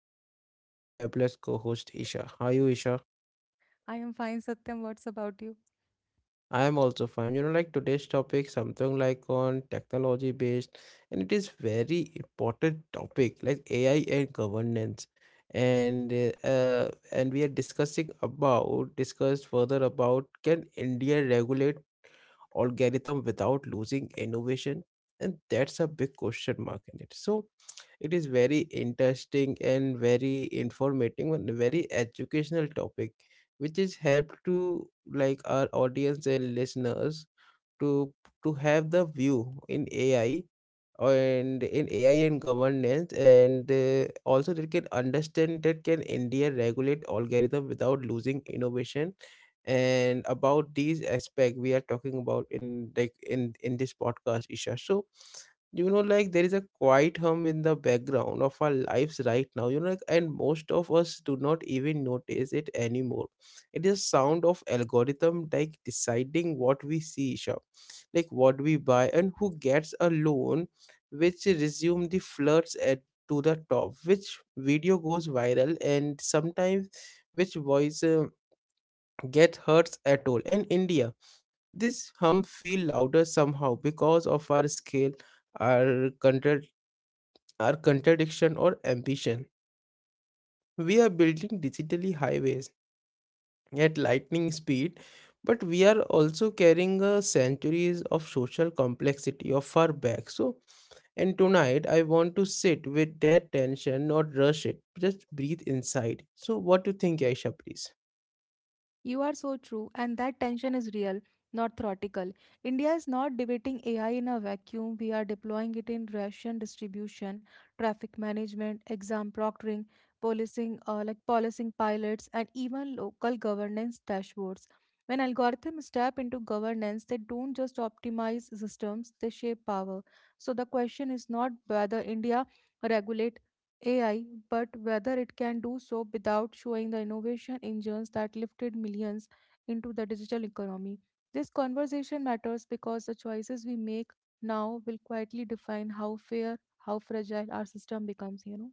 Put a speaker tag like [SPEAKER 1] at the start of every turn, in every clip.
[SPEAKER 1] and with me is a fabulous co-host Isha. How are you Isha?
[SPEAKER 2] I am fine, Satyam. What's about you?
[SPEAKER 1] I am also fine. You know like today's topic something like on technology based and it is very important topic like AI and governance and we are discussing about discussed further about can India regulate algorithm without losing innovation and that's a big question mark in it so it is very interesting and very informative and very educational topic which is helped to like our audience and listeners to to have the view in ai and in AI and governance, and also they can understand that can India regulate algorithm without losing innovation. And about these aspect we are talking about in like in this podcast, Isha. So you know, like there is a quiet hum in the background of our lives right now. You know, like, and most of us do not even notice it anymore. It is sound of algorithm like deciding what we see, Isha, like what we buy and who gets a loan, which resumed the flirts at to the top, which video goes viral and sometimes which voice get hurts at all in india. This hum feel louder somehow because of our scale, our our contradiction or ambition. We are building digitally highways at lightning speed but we are also carrying centuries of social complexity of our back. So, and tonight, I want to sit with that tension, not rush it. Just breathe inside. So, what do you think, Aisha, please?
[SPEAKER 2] You are so true, and that tension is real, not theoretical. India is not debating AI in a vacuum. We are deploying it in ration distribution, traffic management, exam proctoring, policing, like policing pilots, and even local governance dashboards. When algorithms step into governance, they don't just optimize systems, they shape power. So the question is not whether India regulates AI, but whether it can do so without showing the innovation engines that lifted millions into the digital economy. This conversation matters because the choices we make now will quietly define how fair, how fragile our system becomes, you know.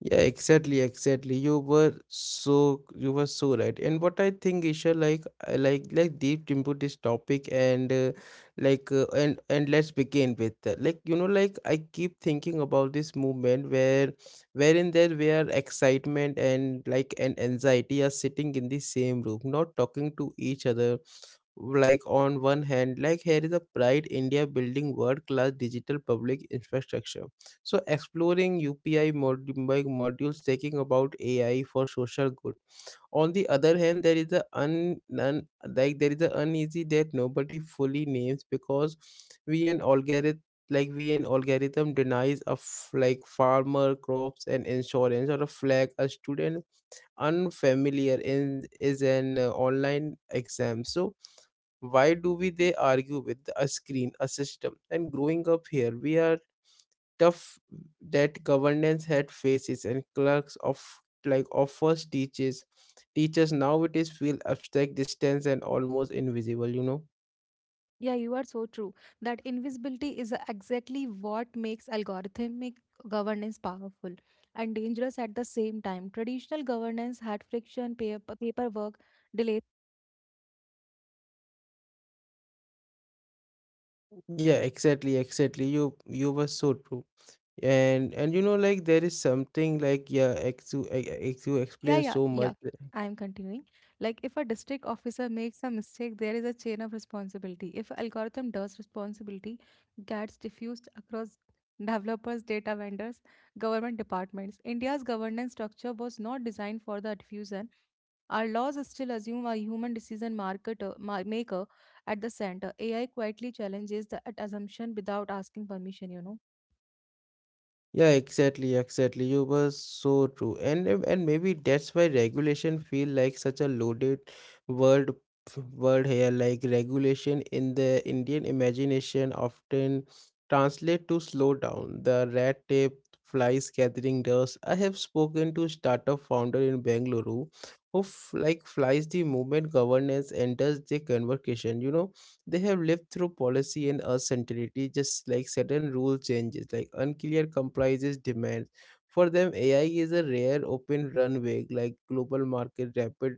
[SPEAKER 1] Yeah, exactly. You were so right. And what I think, Isha, like I like deep into this topic and let's begin with like you know like I keep thinking about this movement where wherein there where excitement and like and anxiety are sitting in the same room, not talking to each other, like on one hand like here is a pride india building world class digital public infrastructure, so exploring like modules taking about ai for social good. On the other hand there is a un, un like there is a uneasy that nobody fully names because we an algorithm like we an algorithm denies a like farmer crops and insurance or a flag a student unfamiliar in is an online exam, so why do we they argue with a screen, a system? And growing up here, we are tough that governance had faces and clerks of like offers teaches teachers. Now it is feel abstract distance and almost invisible, you know.
[SPEAKER 2] Yeah, you are so true. That invisibility is exactly what makes algorithmic governance powerful and dangerous at the same time. Traditional governance had friction, paper, paperwork, delays.
[SPEAKER 1] Yeah, exactly, you were so true. And you know like there is something like yeah ex you
[SPEAKER 2] Yeah,
[SPEAKER 1] explain
[SPEAKER 2] yeah,
[SPEAKER 1] so
[SPEAKER 2] yeah.
[SPEAKER 1] much.
[SPEAKER 2] I am continuing. Like, if a district officer makes a mistake, there is a chain of responsibility. If algorithm does responsibility gets diffused across developers, data vendors, government departments. India's governance structure was not designed for the diffusion. Our laws still assume a human decision marketer, maker at the center. AI quietly challenges that assumption without asking permission, you know.
[SPEAKER 1] Yeah, exactly. You were so true. And maybe that's why regulation feel like such a loaded word word here. Like regulation in the Indian imagination often translate to slow down. The red tape flies gathering dust. I have spoken to startup founder in Bengaluru who like flies the movement governance enters the conversation, you know they have lived through policy and uncertainty, just like sudden rule changes, like unclear compliances, demands. For them, AI is a rare open runway, like global market, rapid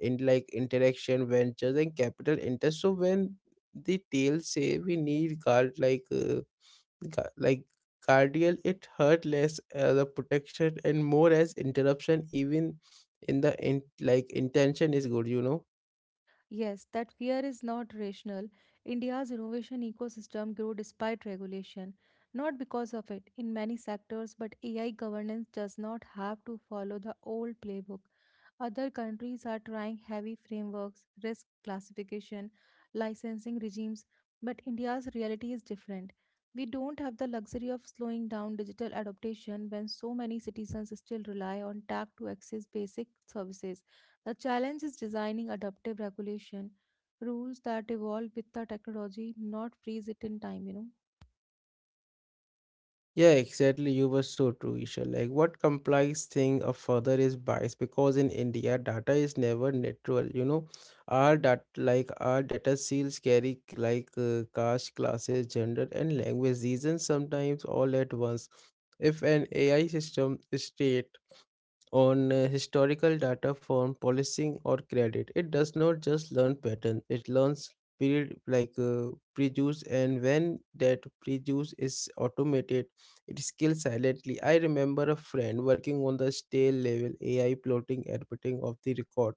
[SPEAKER 1] in like interaction, ventures, and capital interest. So when the tail say we need guard like like guardian, it hurt less as a protection and more as interruption, even in the in, like intention is good, you know.
[SPEAKER 2] Yes, that fear is not rational. India's innovation ecosystem grew despite regulation, not because of it in many sectors, but AI governance does not have to follow the old playbook. Other countries are trying heavy frameworks, risk classification, licensing regimes, but India's reality is different. We don't have the luxury of slowing down digital adaptation when so many citizens still rely on tech to access basic services. The challenge is designing adaptive regulation rules that evolve with the technology, not freeze it in time, you know.
[SPEAKER 1] Yeah, exactly. You were so true, Isha. Like, what complex thing a further is bias? Because in India, data is never neutral. You know, our dat like our data seals carry like caste, classes, gender, and language reasons sometimes all at once. If an AI system state on historical data from policing or credit. It does not just learn pattern; it learns period like prejudice, and when that prejudice is automated, it kills silently. I remember a friend working on the stale level AI plotting editing of the record,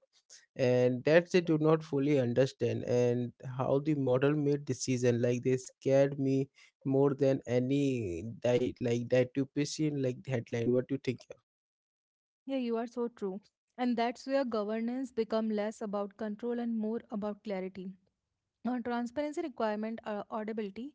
[SPEAKER 1] and that they do not fully understand and how the model made decision. Like they scared me more than any like dietitian like headline. What do you think?
[SPEAKER 2] Yeah, you are so true. And that's where governance become less about control and more about clarity. On transparency requirement, audibility,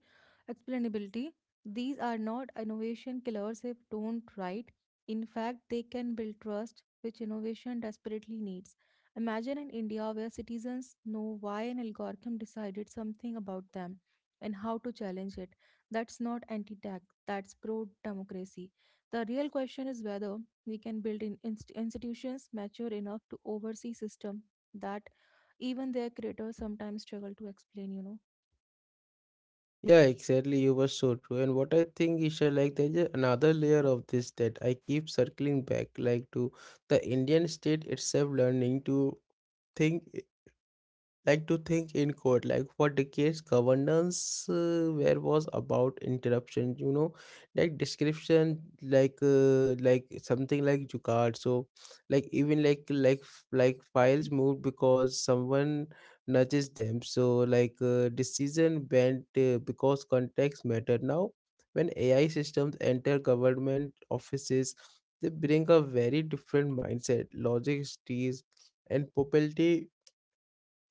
[SPEAKER 2] explainability, these are not innovation killers if don't right. In fact, they can build trust, which innovation desperately needs. Imagine an India where citizens know why an algorithm decided something about them and how to challenge it. That's not anti tech, that's pro democracy. The real question is whether we can build in institutions mature enough to oversee system that even their creators sometimes struggle to explain, you know.
[SPEAKER 1] Yeah, exactly. You were so true. And what I think, Isha, like there's a- another layer of this that I keep circling back, like to the Indian state itself learning to think in court, like for decades governance where was about interruption, you know, like description like something like jugaad, so like even like like files moved because someone nudges them, so like decision bent because context matter. Now when ai systems enter government offices, they bring a very different mindset logic is and probability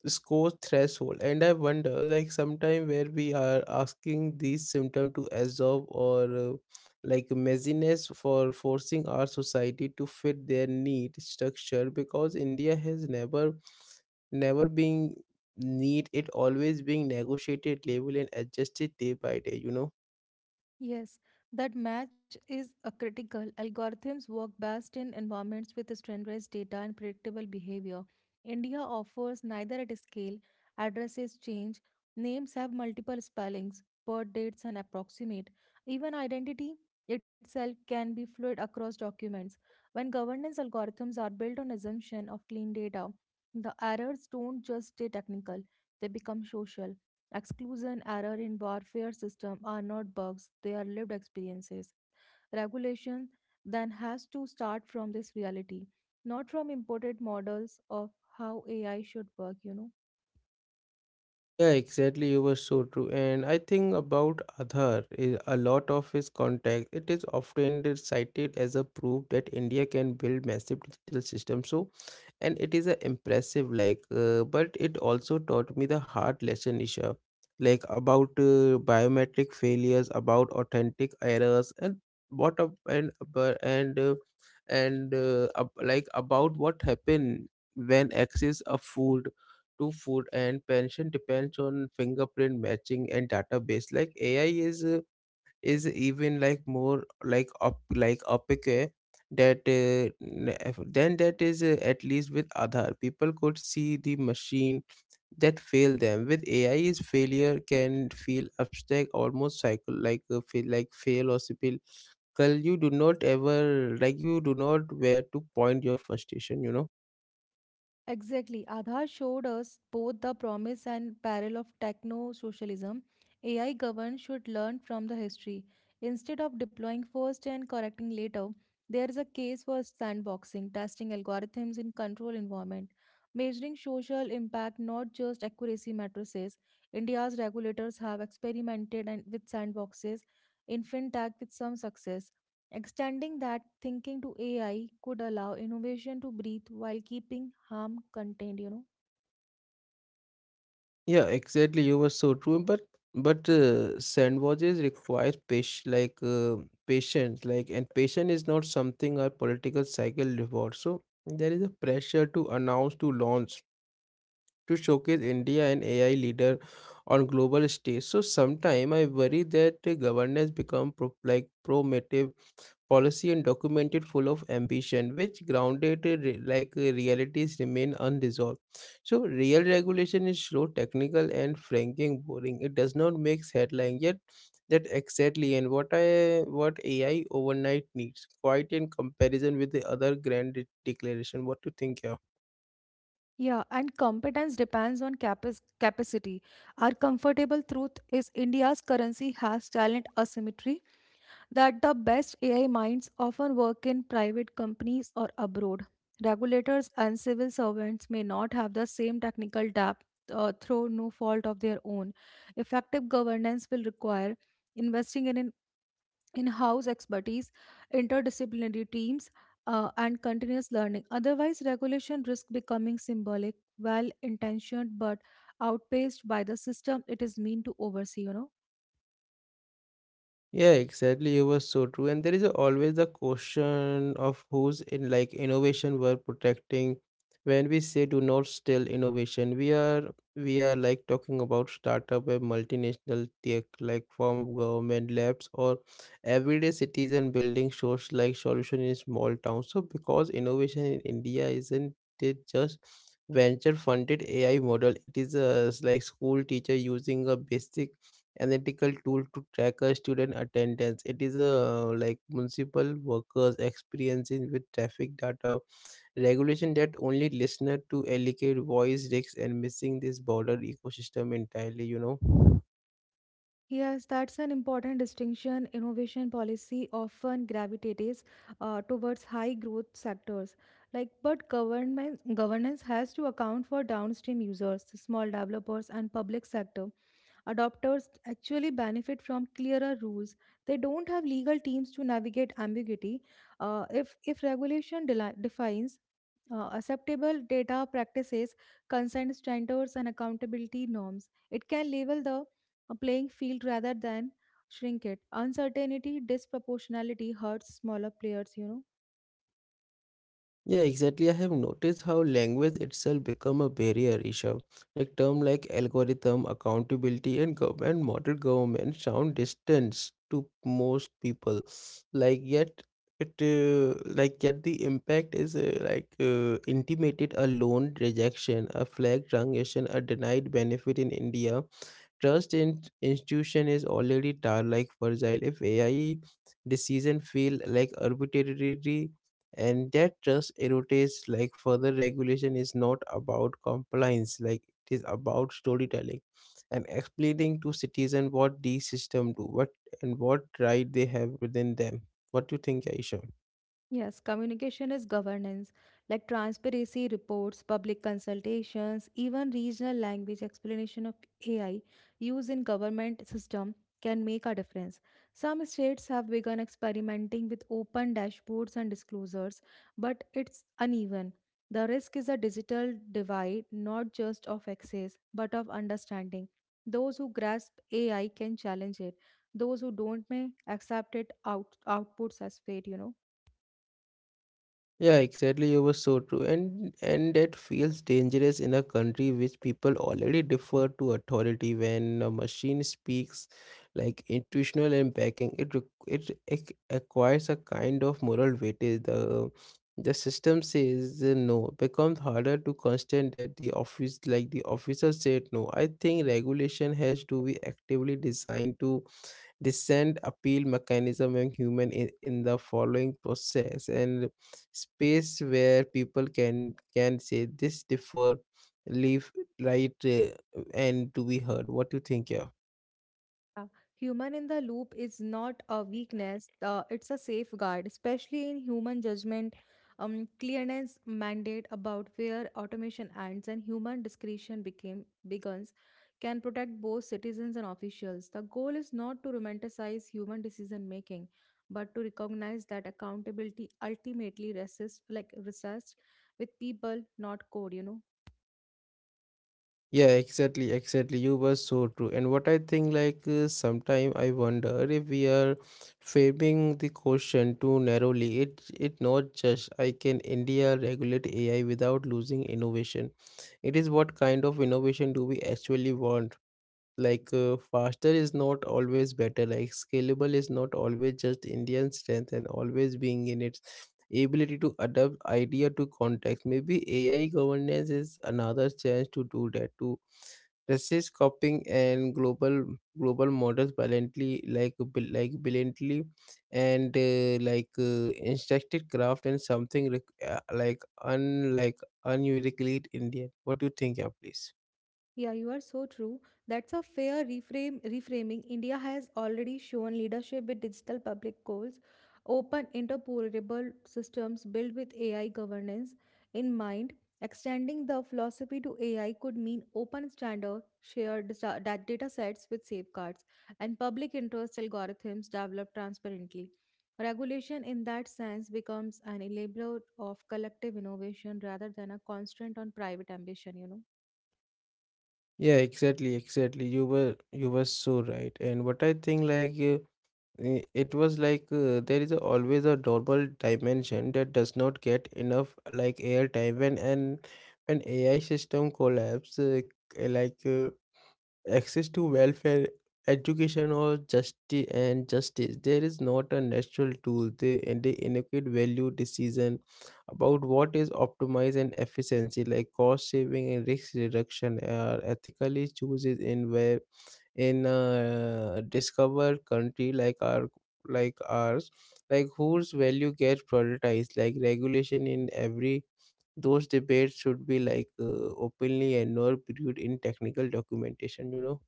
[SPEAKER 1] score threshold, and I wonder like sometime where we are asking these symptom to absorb or like messiness for forcing our society to fit their neat structure, because india has never been neat; it always being negotiated labeled and adjusted day by day, you know.
[SPEAKER 2] Yes, that match is a critical. Algorithms work best in environments with standardized data and predictable behavior. India offers neither at scale, addresses change, names have multiple spellings, birth dates and approximate. Even identity itself can be fluid across documents. When governance algorithms are built on assumption of clean data, the errors don't just stay technical, they become social. Exclusion error in warfare system are not bugs, they are lived experiences. Regulation then has to start from this reality, not from imported models of how AI should work, you know.
[SPEAKER 1] Yeah, exactly. You were so true. And I think about Aadhaar, eh, a lot of his contact, it is often cited as a proof that India can build massive digital system. So, and it is a impressive, like, but it also taught me the hard lesson, Isha, like about biometric failures, about authentic errors, and what up and like about what happened when access a fool to food and pension depends on fingerprint matching and database, like ai is even like more like up like opaque, eh, that then that is at least with Aadhaar people could see the machine that failed them. With ai is failure can feel abstract almost cycle like feel like fail or spill. You do not ever like you do not where to point your frustration, you know.
[SPEAKER 2] Exactly. Aadhaar showed us both the promise and peril of techno socialism. AI governed should learn from the history. Instead of deploying first and correcting later, there is a case for sandboxing, testing algorithms in control environment, measuring social impact, not just accuracy matrices. India's regulators have experimented and with sandboxes in fintech with some success. Extending that thinking to AI could allow innovation to breathe while keeping harm contained, you know.
[SPEAKER 1] Yeah, exactly. You were so true. But sandwiches require patience, like and patience is not something our political cycle rewards. So there is a pressure to announce, to launch, to showcase India and AI leader on global stage. So sometime I worry that governance become pro, like promotive policy and documented full of ambition which grounded like realities remain unresolved, so real regulation is slow technical and franking boring. It does not make headline yet that exactly, and what I what ai overnight needs quite in comparison with the other grand declaration. What do you think here?
[SPEAKER 2] Yeah, and competence depends on capacity. Our comfortable truth is India's currency has talent asymmetry that the best AI minds often work in private companies or abroad. Regulators and civil servants may not have the same technical depth through no fault of their own. Effective governance will require investing in an in-house expertise, interdisciplinary teams, and continuous learning. Otherwise, regulation risk becoming symbolic, well-intentioned but outpaced by the system it is meant to oversee, you know.
[SPEAKER 1] Yeah, exactly. You were so true. And there is always the question of who's in like innovation we're protecting. When we say do not steal innovation, we are like talking about startup and multinational tech like from government labs or everyday citizen building shows like solution in small towns. So because innovation in India isn't it just venture funded AI model, it is a like school teacher using a basic analytical tool to track a student attendance. It is a like municipal workers experiencing with traffic data, regulation that only listener to allocate voice risks and missing this border ecosystem entirely, you know.
[SPEAKER 2] Yes, that's an important distinction. Innovation policy often gravitates towards high growth sectors, like but government governance has to account for downstream users, small developers, and public sector adopters actually benefit from clearer rules. They don't have legal teams to navigate ambiguity. If regulation defines acceptable data practices, consent standards, and accountability norms, it can level the playing field rather than shrink it. Uncertainty, disproportionality hurts smaller players, you know.
[SPEAKER 1] Yeah, exactly. I have noticed how language itself become a barrier issue. Like term like algorithm, accountability, and government model government sound distant to most people. Like yet it like yet the impact is like intimated a loan rejection, a flag transaction, a denied benefit in India. Trust in institution is already tar like fragile. If AI decision feel like arbitrary and that trust erodes like further, regulation is not about compliance, like it is about storytelling and explaining to citizen what these system do, what and what right they have within them. What do you think, Aisha?
[SPEAKER 2] Yes, communication is governance, like transparency reports, public consultations, even regional language explanation of AI used in government system can make a difference. Some states have begun experimenting with open dashboards and disclosures, but it's uneven. The risk is a digital divide, not just of access, but of understanding. Those who grasp AI can challenge it. Those who don't may accept it out outputs as fair, you know.
[SPEAKER 1] Yeah, exactly. You were so true, and that feels dangerous in a country which people already defer to authority. When a machine speaks, like intuitional and backing, it acquires a kind of moral weightage. The system says no becomes harder to constant that the officer said no. I think regulation has to be actively designed to descent appeal mechanism in human in the following process and space where people can say this differ leave right and to be heard. What do you think? yeah
[SPEAKER 2] Uh, Human in the loop is not a weakness, it's a safeguard, especially in human judgment. Clearness mandate about where automation ends and human discretion became begins can protect both citizens and officials. The goal is not to romanticize human decision making, but to recognize that accountability ultimately rests with people, not code, you know.
[SPEAKER 1] yeah exactly exactly You were so true. And what I think, sometime I wonder if we are framing the question too narrowly. It not just I can India regulate AI without losing innovation, it is what kind of innovation do we actually want? Faster is not always better, like scalable is not always just Indian strength, and always being in its ability to adapt idea to context. Maybe AI governance is another chance to do that, to resist copying and global models brilliantly, like brilliantly. And like Instructed craft and something unlike unusually Indian. What do you think? Yeah, please.
[SPEAKER 2] Yeah, you are so true. That's a fair reframe reframing. India has already shown leadership with digital public goals, open interoperable systems built with AI governance in mind. Extending the philosophy to AI could mean open standard shared data sets with safeguards and public interest algorithms developed transparently. Regulation in that sense becomes an enabler of collective innovation rather than a constraint on private ambition, you know.
[SPEAKER 1] Yeah, exactly, exactly. You were so right. And what I think, it was there is always a double dimension that does not get enough like airtime when AI system collapse, access to welfare, education, or justice and justice. There is not a natural tool. They inadequate value decision about what is optimized and efficiency, like cost saving and risk reduction, are ethically chooses in where in a discovered country like ours, like whose value gets prioritized, like regulation in every those debates should be openly and not viewed in technical documentation, you know.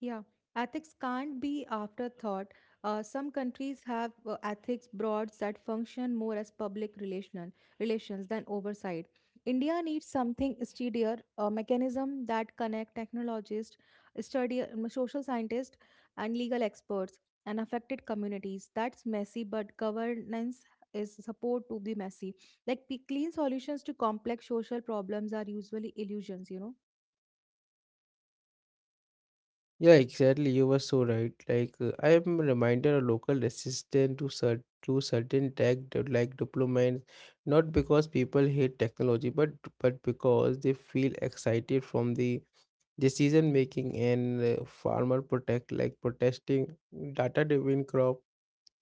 [SPEAKER 2] Yeah, ethics can't be afterthought. Some countries have ethics boards that function more as public relational relations than oversight. India needs something steadier, a mechanism that connect technologists, study, social scientists, and legal experts and affected communities. That's messy, but governance is support to be messy. Like clean solutions to complex social problems are usually illusions, you know.
[SPEAKER 1] Yeah, exactly. You were so right. I am reminded a local resistance to certain tech deployments, not because people hate technology, but because they feel excited from the decision making, and farmer protect like protesting data driven crop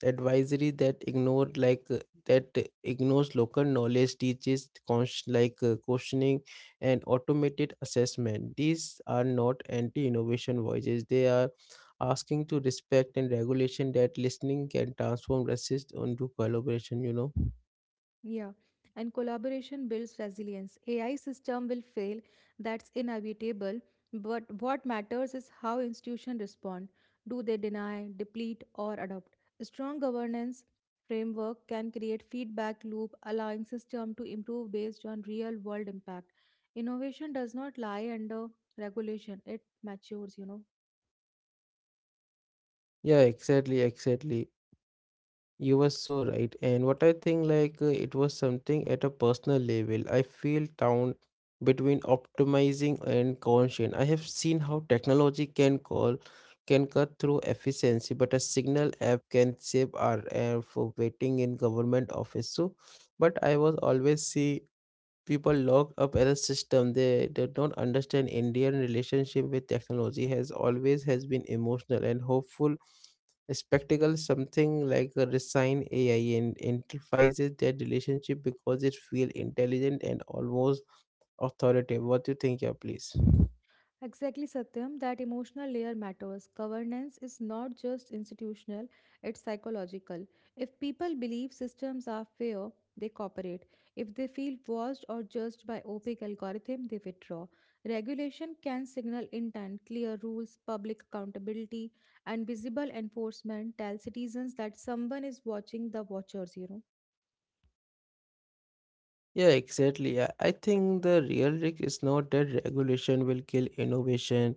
[SPEAKER 1] advisory that ignores local knowledge teaches questioning and automated assessment. These are not anti innovation voices, they are asking to respect, and regulation that listening can transform resist onto collaboration, you know.
[SPEAKER 2] Yeah, and collaboration builds resilience. AI system will fail, that's inevitable, but what matters is how institutions respond. Do they deny, deplete, or adopt? A strong governance framework can create feedback loop allowing system to improve based on real world impact. Innovation does not lie under regulation, it matures, you know.
[SPEAKER 1] Yeah, exactly. You were so right. And what I think, it was something at a personal level. I feel down between optimizing and conscience. I have seen how technology can cut through efficiency, but a signal app can save our air for waiting in government office. So, but I was always see people locked up at a system. They don't understand Indian relationship with technology has always has been emotional and hopeful a spectacle, something like a resign AI and amplifies their relationship because it feels intelligent and almost authoritative. What do you think? Yeah, please?
[SPEAKER 2] Exactly, Satyam, that emotional layer matters. Governance is not just institutional, it's psychological. If people believe systems are fair, they cooperate. If they feel watched or judged by opaque algorithm, they withdraw. Regulation can signal intent, clear rules, public accountability, and visible enforcement tell citizens that someone is watching the watchers, you know.
[SPEAKER 1] Yeah, exactly. I think the real risk is not that regulation will kill innovation.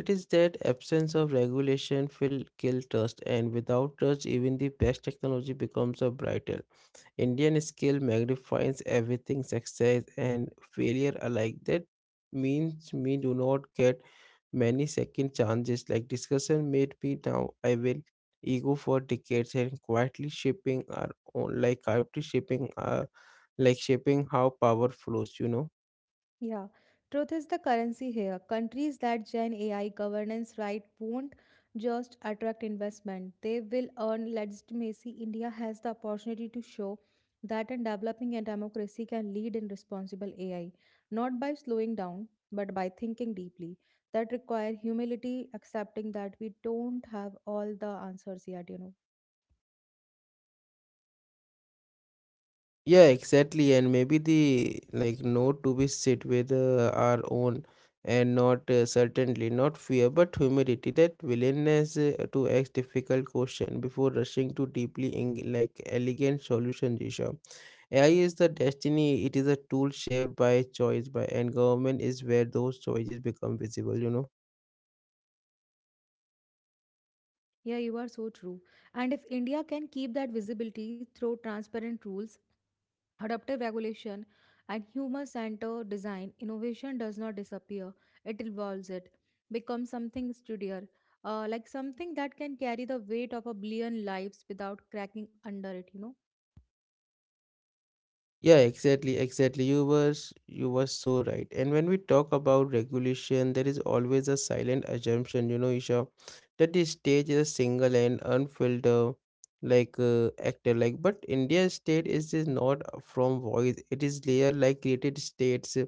[SPEAKER 1] It is that absence of regulation will kill trust, and without trust, even the best technology becomes a brighter. Indian scale magnifies everything success and failure alike. That means me do not get many second chances. Like discussion made me now I will ego for decades and quietly shaping our own like shaping how power flows, you know.
[SPEAKER 2] Yeah, truth is the currency here. Countries that join AI governance right won't just attract investment, they will earn legitimacy. India has the opportunity to show that in developing a democracy can lead in responsible AI, not by slowing down, but by thinking deeply. That require humility, accepting that we don't have all the answers yet, you know.
[SPEAKER 1] Yeah, exactly. And maybe the like note to be sit with our own and not certainly not fear but humility that willingness to ask difficult question before rushing to deeply elegant solution, Jisha. AI is the destiny, it is a tool shaped by choice by, and government is where those choices become visible, you know.
[SPEAKER 2] Yeah, you are so true. And if India can keep that visibility through transparent rules, adaptive regulation and human centered design innovation does not disappear it evolves it becomes something sturdier, like something that can carry the weight of a billion lives without cracking under it, you know.
[SPEAKER 1] Yeah, exactly, exactly. You were so right. And when we talk about regulation, there is always a silent assumption, you know, Isha, that the stage is a single and unfiltered, actor, like. But India's state is just not from voice. It is layer like created states,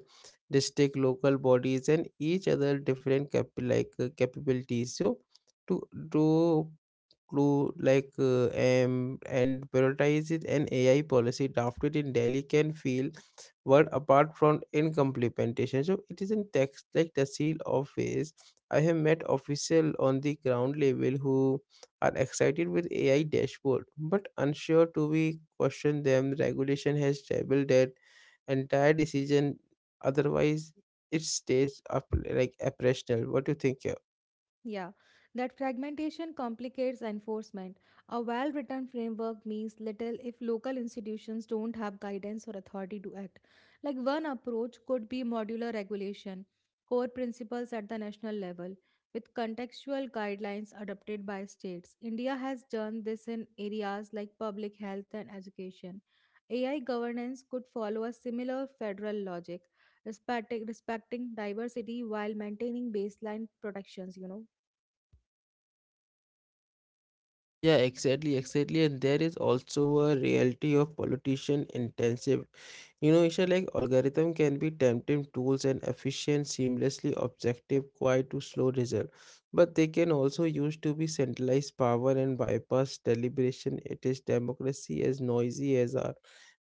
[SPEAKER 1] district, local bodies, and each other different capabilities. So to to clue like and prioritizes an AI policy drafted in Delhi can feel world apart from implementation. So it is in text like the seal office. I have met official on the ground level who are excited with AI dashboard, but unsure to be question them. Regulation has doubled that entire decision. Otherwise, it stays up like operational. What do you think?
[SPEAKER 2] Yeah, that fragmentation complicates enforcement. A well written framework means little if local institutions don't have guidance or authority to act. Like one approach could be modular regulation, core principles at the national level, with contextual guidelines adopted by states. India has done this in areas like public health and education. AI governance could follow a similar federal logic, respecting diversity while maintaining baseline protections, you know.
[SPEAKER 1] Yeah, exactly, exactly. And there is also a reality of politician intensive. You know, Isha, like algorithm can be tempting tools and efficient, seamlessly objective, quite to slow result. But they can also used to be centralized power and bypass deliberation. It is democracy as noisy as are.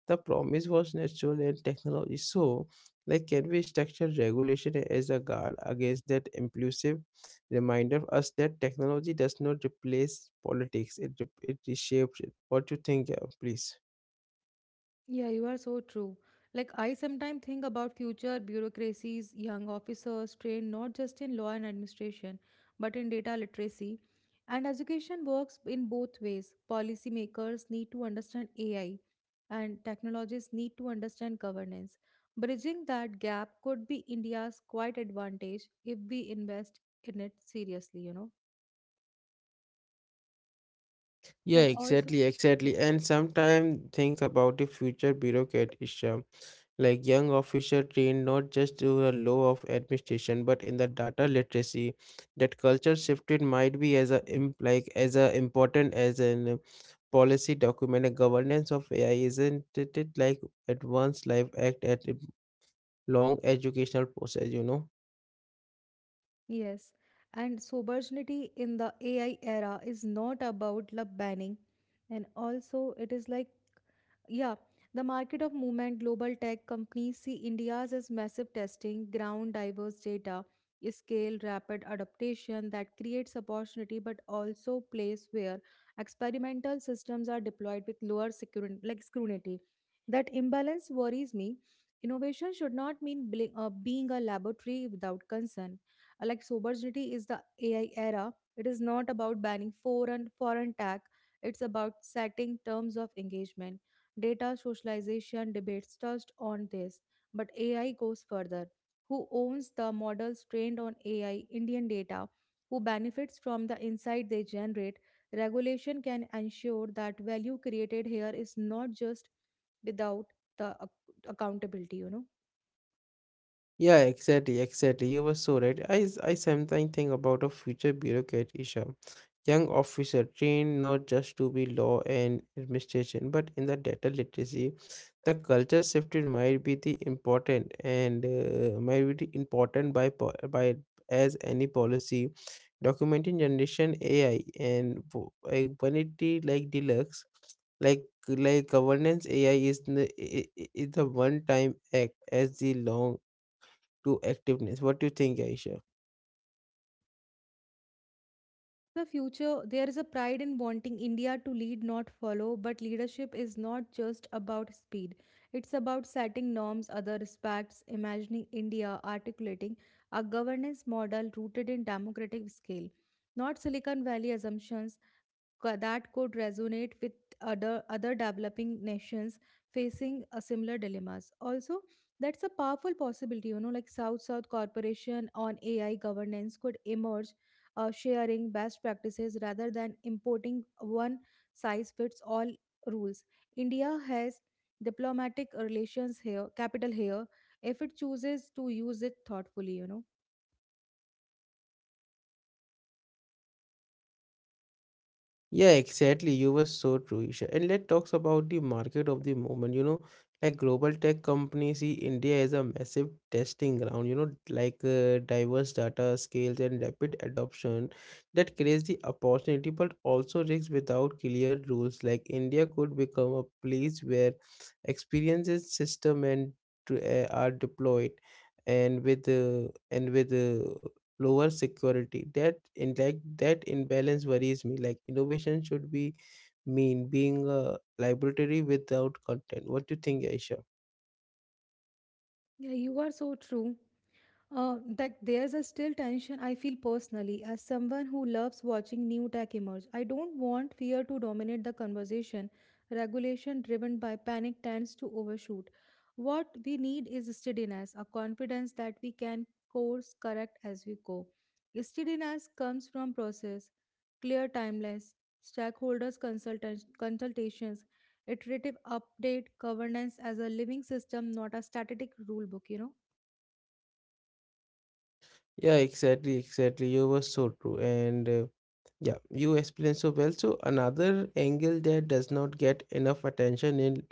[SPEAKER 1] The promise was natural and technology. So, like, can we structure regulation as a guard against that impulsive? Reminded us that technology does not replace politics, it reshapes it. What you think? Please?
[SPEAKER 2] Yeah, you are so true. Like I sometimes think about future bureaucracies, young officers trained not just in law and administration, but in data literacy. And education works in both ways. Policymakers need to understand AI and technologists need to understand governance. Bridging that gap could be India's quite advantage if we invest in it seriously, you know.
[SPEAKER 1] Yeah,
[SPEAKER 2] And also.
[SPEAKER 1] exactly, exactly. And sometimes things about the future bureaucratism, like young officer trained not just to a law of administration, but in the data literacy. That culture shifted might be as a important as an policy document. A governance of AI isn't it like advanced life act at a long educational process, you know?
[SPEAKER 2] Yes, and sobriety in the AI era is not about love banning, and also it is like yeah, the market of movement global tech companies see India's as massive testing ground, diverse data, scale, rapid adaptation that creates opportunity, but also place where experimental systems are deployed with lower security, like scrutiny. That imbalance worries me. Innovation should not mean being a laboratory without concern. Like sobriety is the AI era. It is not about banning foreign tech. It's about setting terms of engagement. Data socialization debates touched on this, but AI goes further. Who owns the models trained on AI Indian data? Who benefits from the insight they generate? Regulation can ensure that value created here is not just without the accountability, you know.
[SPEAKER 1] Yeah, exactly, exactly. You were so right. I sometimes think about a future bureaucrat, Isha. Young officer trained not just to be law and administration, but in the data literacy. The culture shifted might be the important and might be the important by as any policy. Documenting generation AI and 180 like deluxe like governance AI is the one time act as the long to activeness. What do you think, Aisha?
[SPEAKER 2] The future, there is a pride in wanting India to lead, not follow, but leadership is not just about speed. It's about setting norms other respects, imagining India, articulating a governance model rooted in democratic scale, not Silicon Valley assumptions that could resonate with other developing nations facing a similar dilemmas also. That's a powerful possibility, you know, like south south corporation on AI governance could emerge, sharing best practices rather than importing one size fits all rules. India has diplomatic relations here, capital here, if it chooses to use it thoughtfully, you know.
[SPEAKER 1] Yeah, exactly. You were so true, Isha. And let's talk about the market of the moment. You know, like global tech companies see India as a massive testing ground. You know, diverse data scales and rapid adoption that creates the opportunity, but also risks without clear rules. Like India could become a place where experiences, system, and are deployed, and with lower security. That imbalance worries me. Like innovation should be mean being a laboratory without content. What do you think, Aisha?
[SPEAKER 2] Yeah, you are so true. That there's a still tension I feel personally as someone who loves watching new tech emerge. I don't want fear to dominate the conversation. Regulation driven by panic tends to overshoot. What we need is steadiness, a confidence that we can course correct as we go. Steadiness comes from process, clear timelines, stakeholders consultants consultations, iterative update, governance as a living system, not a static rule book, you know.
[SPEAKER 1] Yeah, exactly, exactly. You were so true. And yeah, you explained so well. So another angle that does not get enough attention in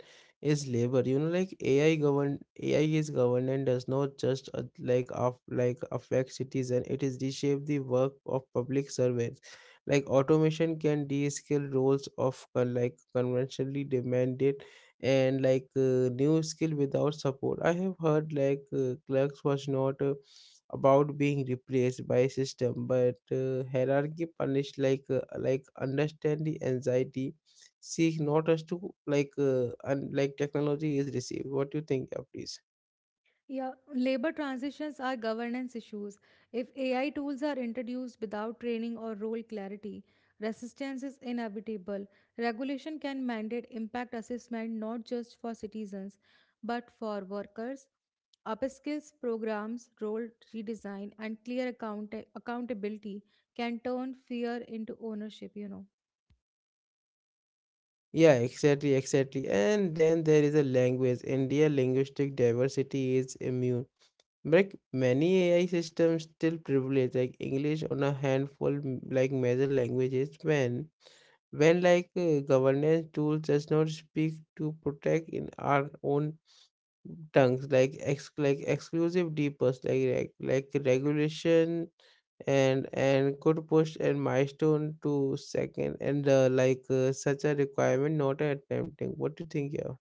[SPEAKER 1] is labor. You know, like AI is governed and does not just like of like affect citizen. It is reshape the work of public servants. Like automation can de-skill roles of conventionally demanded and new skill without support. I have heard clerks was not. About being replaced by a system, but hierarchy punished like understand the anxiety seek not as to and like technology is received. What do you think? Yeah, please.
[SPEAKER 2] Yeah, labor transitions are governance issues. If AI tools are introduced without training or role clarity, resistance is inevitable. Regulation can mandate impact assessment not just for citizens, but for workers. Upskills programs, role redesign, and clear accountability can turn fear into ownership, you know.
[SPEAKER 1] Yeah, exactly. And then there is a language, India linguistic diversity is immune, but many AI systems still privilege like English on a handful major languages, when governance tools does not speak to protect in our own terms, like exclusive deepers like regulation and could push and milestone to second and such a requirement not a tempting. What do you think? Yeah.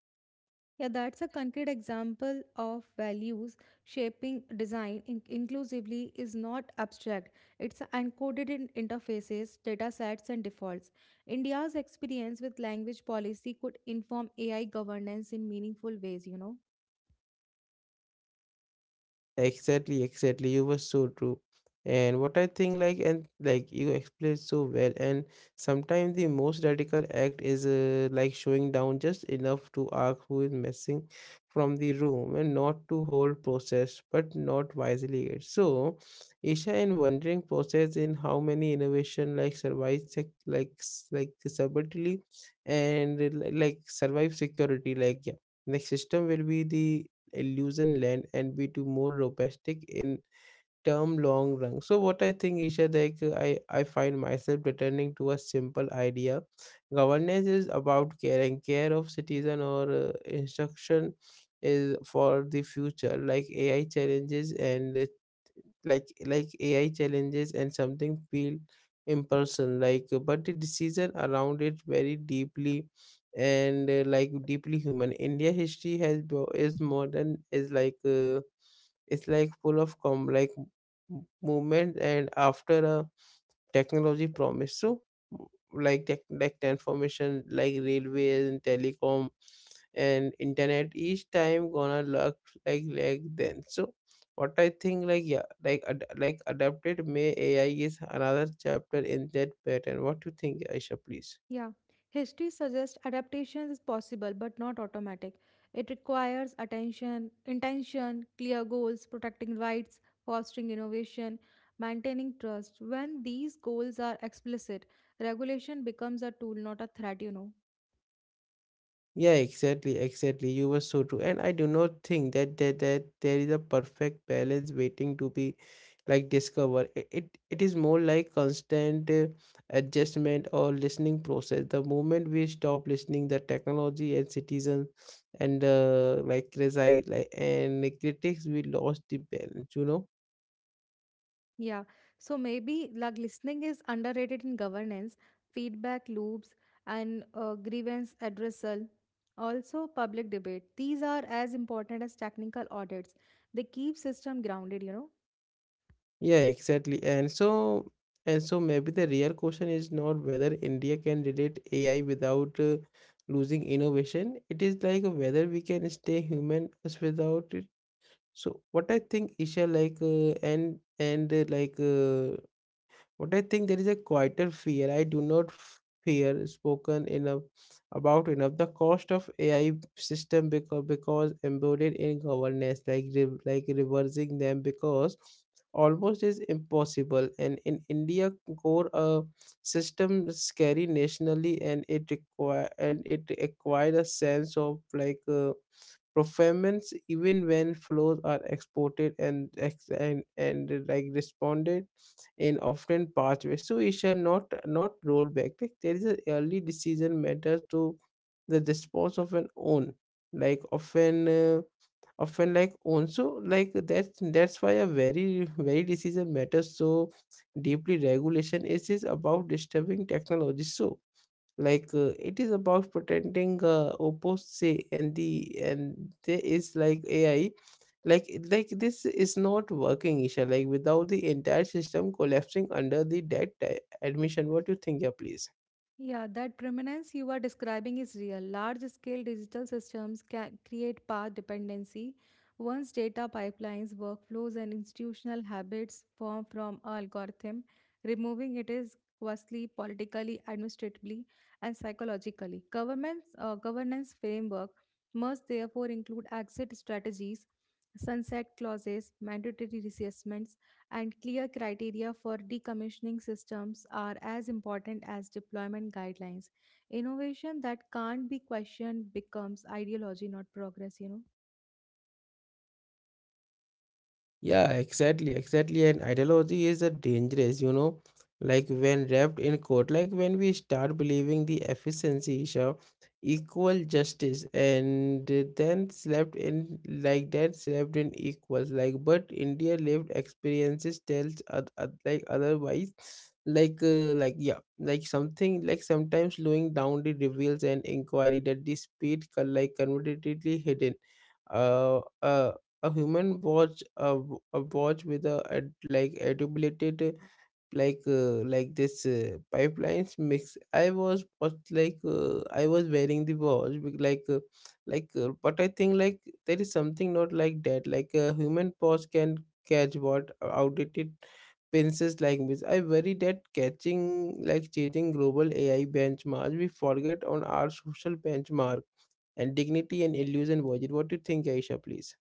[SPEAKER 2] Yeah, that's a concrete example of values shaping design inclusively is not abstract. It's encoded in interfaces, data sets, and defaults. India's experience with language policy could inform AI governance in meaningful ways, you know.
[SPEAKER 1] Exactly, exactly. You were so true. And what I think, like, and like you explained so well, and sometimes the most radical act is like showing down just enough to ask who is missing from the room and not to hold process, but not wisely. It. So, Isha in wondering process in how many innovation like survives subtlety and survive security, like yeah, next system will be the illusion land and be too more robotic in term long run. So what I think, Isha, I find myself returning to a simple idea. Governance is about caring care of citizen or instruction is for the future, like AI challenges and like AI challenges and something feel impersonal but the decision around it very deeply and deeply human. India history has bo- is modern is it's like full of movement and after a technology promised so like transformation like railways and telecom and internet, each time gonna look like then so what I think like adapted may AI is another chapter in that pattern. What do you think, Aisha? Please.
[SPEAKER 2] Yeah, history suggests adaptation is possible but not automatic. It requires attention, intention, clear goals, protecting rights, fostering innovation, maintaining trust. When these goals are explicit, regulation becomes a tool, not a threat, you know.
[SPEAKER 1] Yeah, exactly, exactly. You were so true. And I do not think that there is a perfect balance waiting to be like discovered. It is more like constant adjustment or listening process. The moment we stop listening, the technology and citizens and like resi like and critics, we lost the balance, you know?
[SPEAKER 2] Yeah, so maybe like listening is underrated in governance, feedback loops, and grievance addressal. Also, public debate. These are as important as technical audits. They keep system grounded, you know.
[SPEAKER 1] Yeah, exactly. And so maybe the real question is not whether India can relate AI without losing innovation. It is like whether we can stay human as without it. So what I think, Isha, like and like but I think there is a quieter fear. I do not fear spoken enough the cost of AI system, because embedded in governance like reversing them, because almost is impossible, and in India core system scary nationally, and it require and it acquired a sense of performance even when flows are exported and and like responded and often pathways. So it shall not roll back. Like there is a early decision matters to the response of an own, like often like own. So like that's why a very decision matters so deeply. Regulation is about disturbing technology. So it is about pretending opposed say and there is like AI like this is not working, Isha, without the entire system collapsing under the debt, admission. What do you think? Yeah, please.
[SPEAKER 2] Yeah, that prominence you are describing is real. Large scale digital systems can create path dependency. Once data pipelines, workflows, and institutional habits form from a algorithm, removing it is costly politically, administratively, and psychologically. Governance framework must therefore include exit strategies, sunset clauses, mandatory reassessments, and clear criteria for decommissioning systems are as important as deployment guidelines. Innovation that can't be questioned becomes ideology, not progress, you know.
[SPEAKER 1] Yeah, exactly, exactly. And ideology is a dangerous, you know, like when wrapped in quote, like when we start believing the efficiency issue, equal justice, and then slept in like that slept in equals. Like, but India lived experiences tells like otherwise, yeah, like something like sometimes slowing down the reveals and inquiry that the speed like conveniently hidden. uh, uh, a human watch a, a watch with a, ad, like adulated, this pipelines mix. I was I was wearing the watch with but I think like there is something not like that, like a human watch can catch what, outdated Pences like this. I worry that catching like chasing global AI benchmarks, we forget on our social benchmark and dignity and illusion version. What do you think, Aisha, please?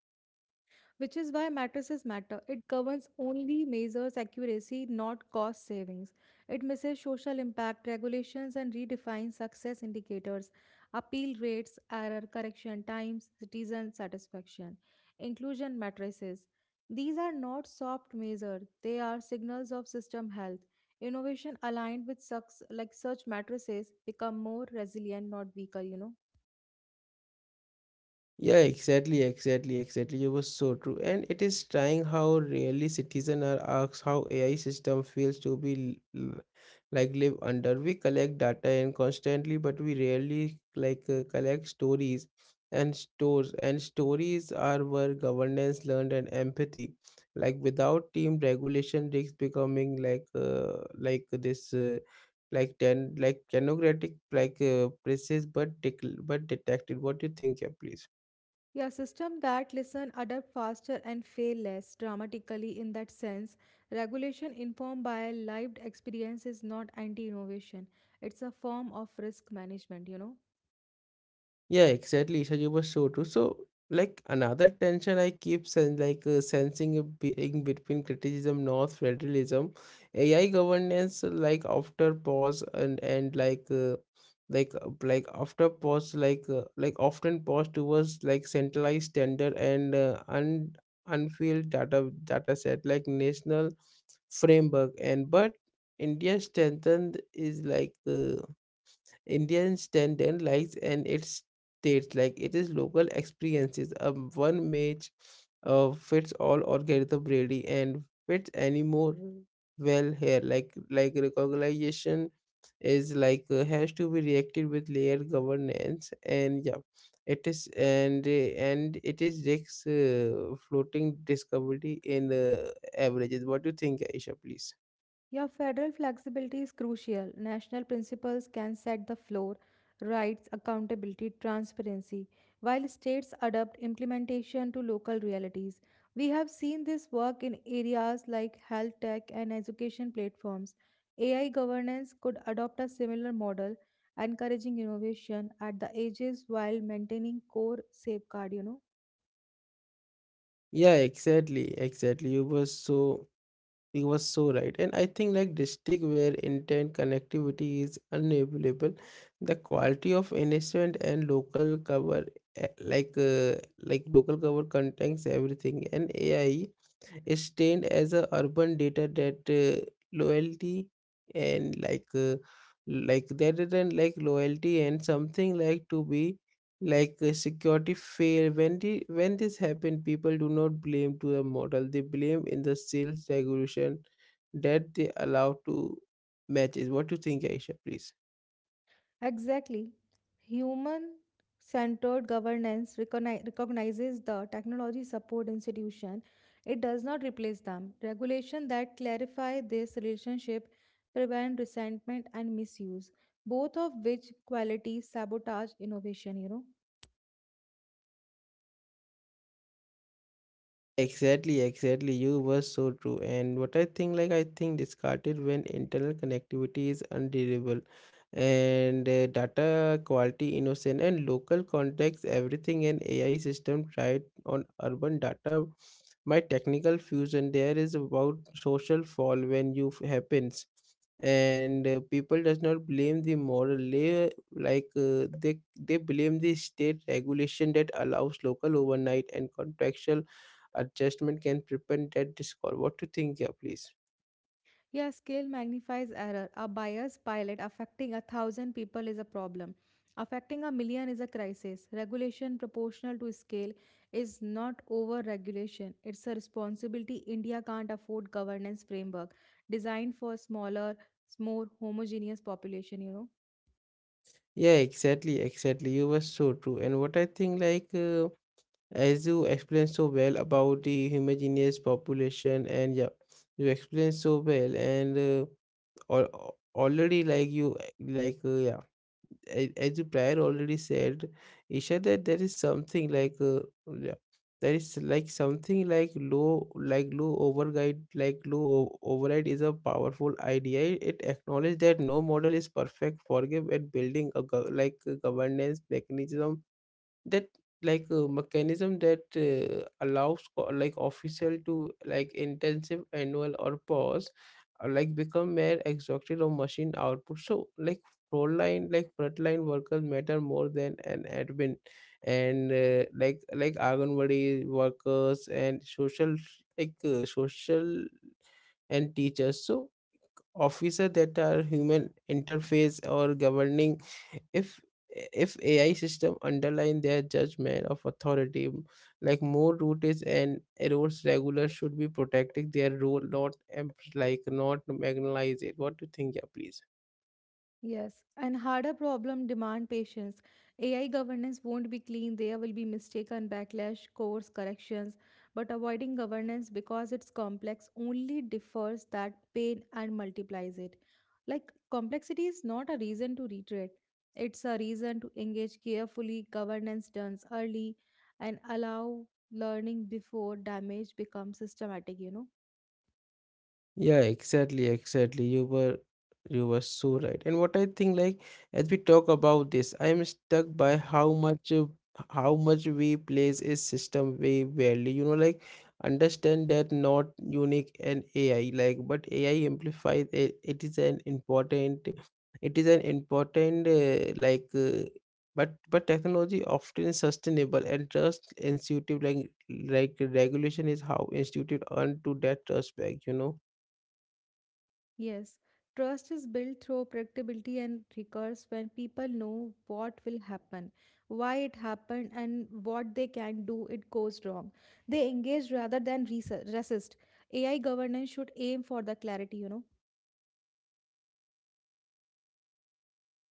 [SPEAKER 2] Which is why matrices matter. It governs only measures accuracy, not cost savings. It measures social impact, regulations, and redefines success indicators, appeal rates, error correction times, citizen satisfaction, inclusion matrices. These are not soft measures, they are signals of system health. Innovation aligned with such, such matrices become more resilient, not weaker, you know.
[SPEAKER 1] Yeah, exactly. You were so true. And it is trying how rarely citizens are asked how AI system feels to be live under. We collect data and constantly, but we rarely collect stories and stores. And stories are where governance learned and empathy. Like without team regulation, risks becoming like this like ten like technocratic process, but detected. What do you think? Yeah, please.
[SPEAKER 2] Yeah, system that listen, adapt faster and fail less dramatically in that sense. Regulation informed by lived experience is not anti-innovation. It's a form of risk management, you know.
[SPEAKER 1] Yeah, exactly, Isha, you were so true. So, like another tension I keep sensing in between criticism, North federalism, AI governance, like after pause and like after pause, like often pause towards like centralized tender and un unfilled data set like national framework and but India strengthened is like. Indian standard likes and its states like it is local experiences. A one match, fits all algorithm really and fits anymore well here. Recognition is has to be reacted with layer governance and yeah, it is and it is risks, floating discovery in averages. What do you think, Aisha? Please.
[SPEAKER 2] Yeah, federal flexibility is crucial. National principles can set the floor, rights, accountability, transparency, while states adapt implementation to local realities. We have seen this work in areas like health tech and education platforms. AI governance could adopt a similar model, encouraging innovation at the edges while maintaining core safeguard, you know.
[SPEAKER 1] Yeah, You were so He was so right. And I think like district where intent connectivity is unavailable, the quality of innocent and local cover, eh, like uh, local cover contains everything and AI is trained as a urban data that, loyalty and rather than like loyalty and something like to be security fail when when this happened, people do not blame to the model, they blame in the sales regulation that they allow to matches. What do you think, Aisha, please?
[SPEAKER 2] Exactly. Human centered governance recognizes the technology support institution. It does not replace them. Regulation that clarify this relationship prevent resentment and misuse, both of which qualities sabotage innovation, you know.
[SPEAKER 1] Exactly, exactly. You were so true. And what I think, like, I think discarded when internal connectivity is unreliable and data quality innocent and local context, everything an AI system tried on urban data. My technical fusion there is about social fall when you happens and people does not blame the moral layer they blame the state regulation that allows local overnight and contractual adjustment can prevent that discord. What to think? Yeah, please.
[SPEAKER 2] Yeah, scale magnifies error. A biased pilot affecting a thousand people is a problem. Affecting a million is a crisis. Regulation proportional to scale is not over regulation. It's a responsibility. India can't afford governance framework designed for smaller, more homogeneous population, you know.
[SPEAKER 1] Yeah, exactly, exactly. You were so true. And what I think, like, as you explained so well about the homogeneous population, and yeah, you explained so well, and al- already like you like yeah, a- as you prior already said, Isha, that there is something yeah, there is like something like low override override is a powerful idea. It acknowledges that no model is perfect, forgive at building a governance mechanism that allows like official to like intensive annual or pause, like become mere exhausted of machine output. So like frontline workers matter more than an admin, and like anganwadi workers and social, social and teachers, so officer that are human interface or governing. if if AI system underline their judgment of authority, like more routes and errors, regular should be protecting their role, not em- like not marginalize it. What do you think? Yeah, please.
[SPEAKER 2] Yes, and harder problem demand patience. AI governance won't be clean. There will be mistake and backlash, course corrections. But avoiding governance because it's complex only defers that pain and multiplies it. Like complexity is not a reason to retreat. It's a reason to engage carefully. Governance done early and allow learning before damage becomes systematic, you know.
[SPEAKER 1] Yeah, exactly, exactly. You were so right. And what I think like, as we talk about this, I am stuck by how much, how much we place a system we value. You know, like understand that not unique and AI, like but AI amplifies it, it is an important, it is an important, but technology often sustainable and trust institute like regulation is how institute earn to that trust back, you know.
[SPEAKER 2] Yes, trust is built through predictability and recurs when people know what will happen, why it happened, and what they can do it goes wrong. They engage rather than resist. AI governance should aim for the clarity, you know.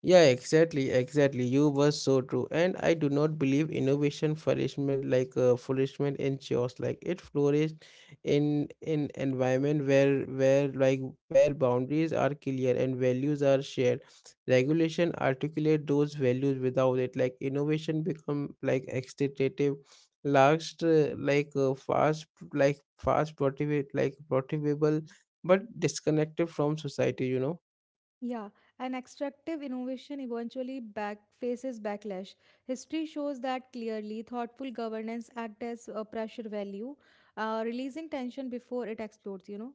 [SPEAKER 1] Yeah, exactly, exactly. You were so true. And I do not believe innovation flourishment flourishment in chaos. Like it flourished in environment where boundaries are clear and values are shared. Regulation articulate those values without it. Like innovation become like extentative, last like fast, like fast motivate like motivable but disconnected from society, you know.
[SPEAKER 2] Yeah, and extractive innovation eventually back faces backlash. History shows that clearly. Thoughtful governance acts as a pressure value, releasing tension before it explodes, you know.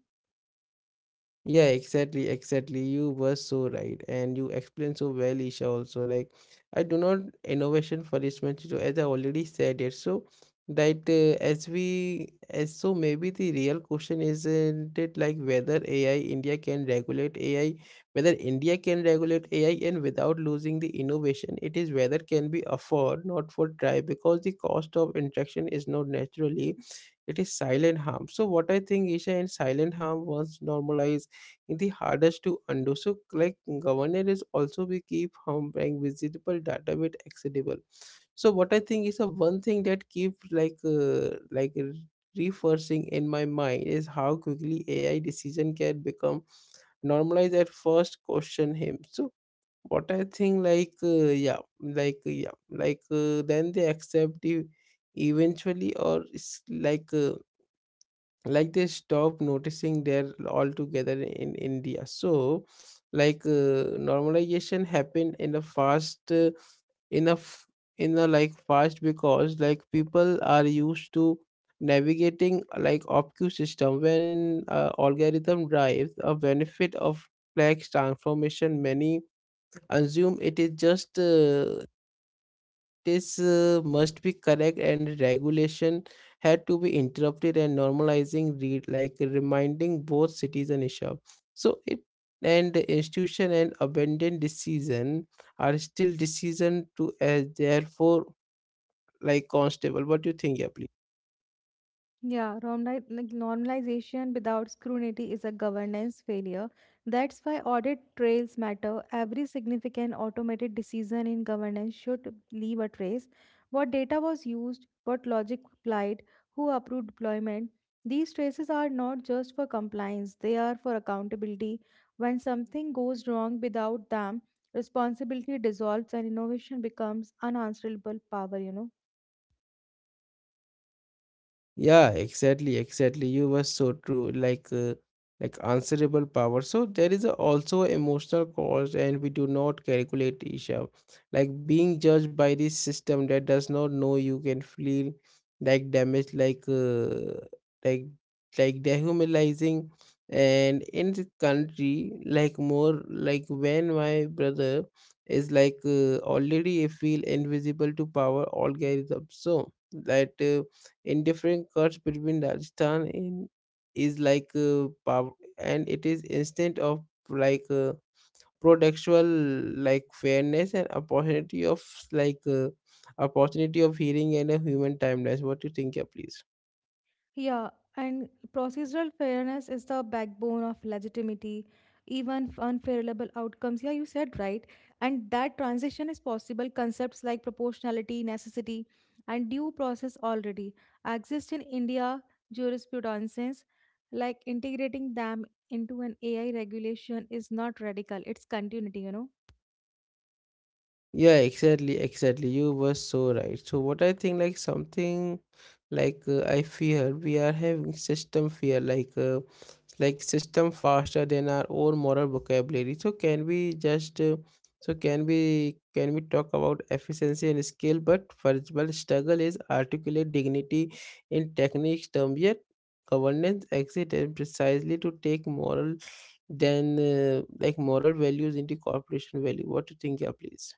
[SPEAKER 1] Yeah, exactly, exactly. You were so right, and you explained so well, Isha. Also, like I do not innovation for this much. So as I already said it, so that, as we as so maybe the real question isn't it like whether AI India can regulate AI, whether India can regulate AI, and without losing the innovation, it is whether can be afford not for try, because the cost of interaction is not naturally, it is silent harm. So what I think, Isha, and silent harm once normalized the hardest to undo. So, like governor is also we keep humping visible data bit accessible. So, what I think is a one thing that keep reversing in my mind is how quickly AI decision can become normalized at first question him. So, what I think then they accept the eventually or it's like they stop noticing they altogether in India. So normalization happened in a fast, in a f- in a like fast, because like people are used to navigating like opq system when, algorithm drives a benefit of flex transformation. Many assume it is just, practice, must be correct, and regulation had to be interrupted and normalizing read like reminding both cities and Isha. So it, and the institution and abandoned decision are still decision to as therefore like constable. What do you think? Yeah, please.
[SPEAKER 2] Yeah, normalization without scrutiny is a governance failure. That's why audit trails matter. Every significant automated decision in governance should leave a trace. What data was used, what logic applied, who approved deployment. These traces are not just for compliance, they are for accountability. When something goes wrong without them, responsibility dissolves and innovation becomes unanswerable power, you know.
[SPEAKER 1] Yeah, exactly, exactly. You were so true. Like, answerable power. So there is a also emotional cost, and we do not calculate, Isha. Like being judged by this system that does not know you can feel like damaged, like dehumanizing. And in this country, like more like when my brother is already feel invisible to power algorithm. So that. In different cuts between Rajasthan in is and it is instant of like uh, pretextual like fairness and opportunity of like uh, opportunity of hearing and a human timelines. What do you think? Yeah, please.
[SPEAKER 2] Yeah, and procedural fairness is the backbone of legitimaity, even unfavorable outcomes. Yeah, you said right. And that transition is possible. Concepts like proportionality, necessity, and due process already exist in India jurisprudence. Like integrating them into an AI regulation is not radical, it's continuity, you know.
[SPEAKER 1] Yeah, exactly, exactly. You were so right. So what I think like something I fear we are having system fear system faster than our own moral vocabulary. So can we just, can we talk about efficiency and skill but first struggle is articulate dignity in techniques term yet governance exists and precisely to take moral than, moral values into corporation value. What do you think? Yeah, please.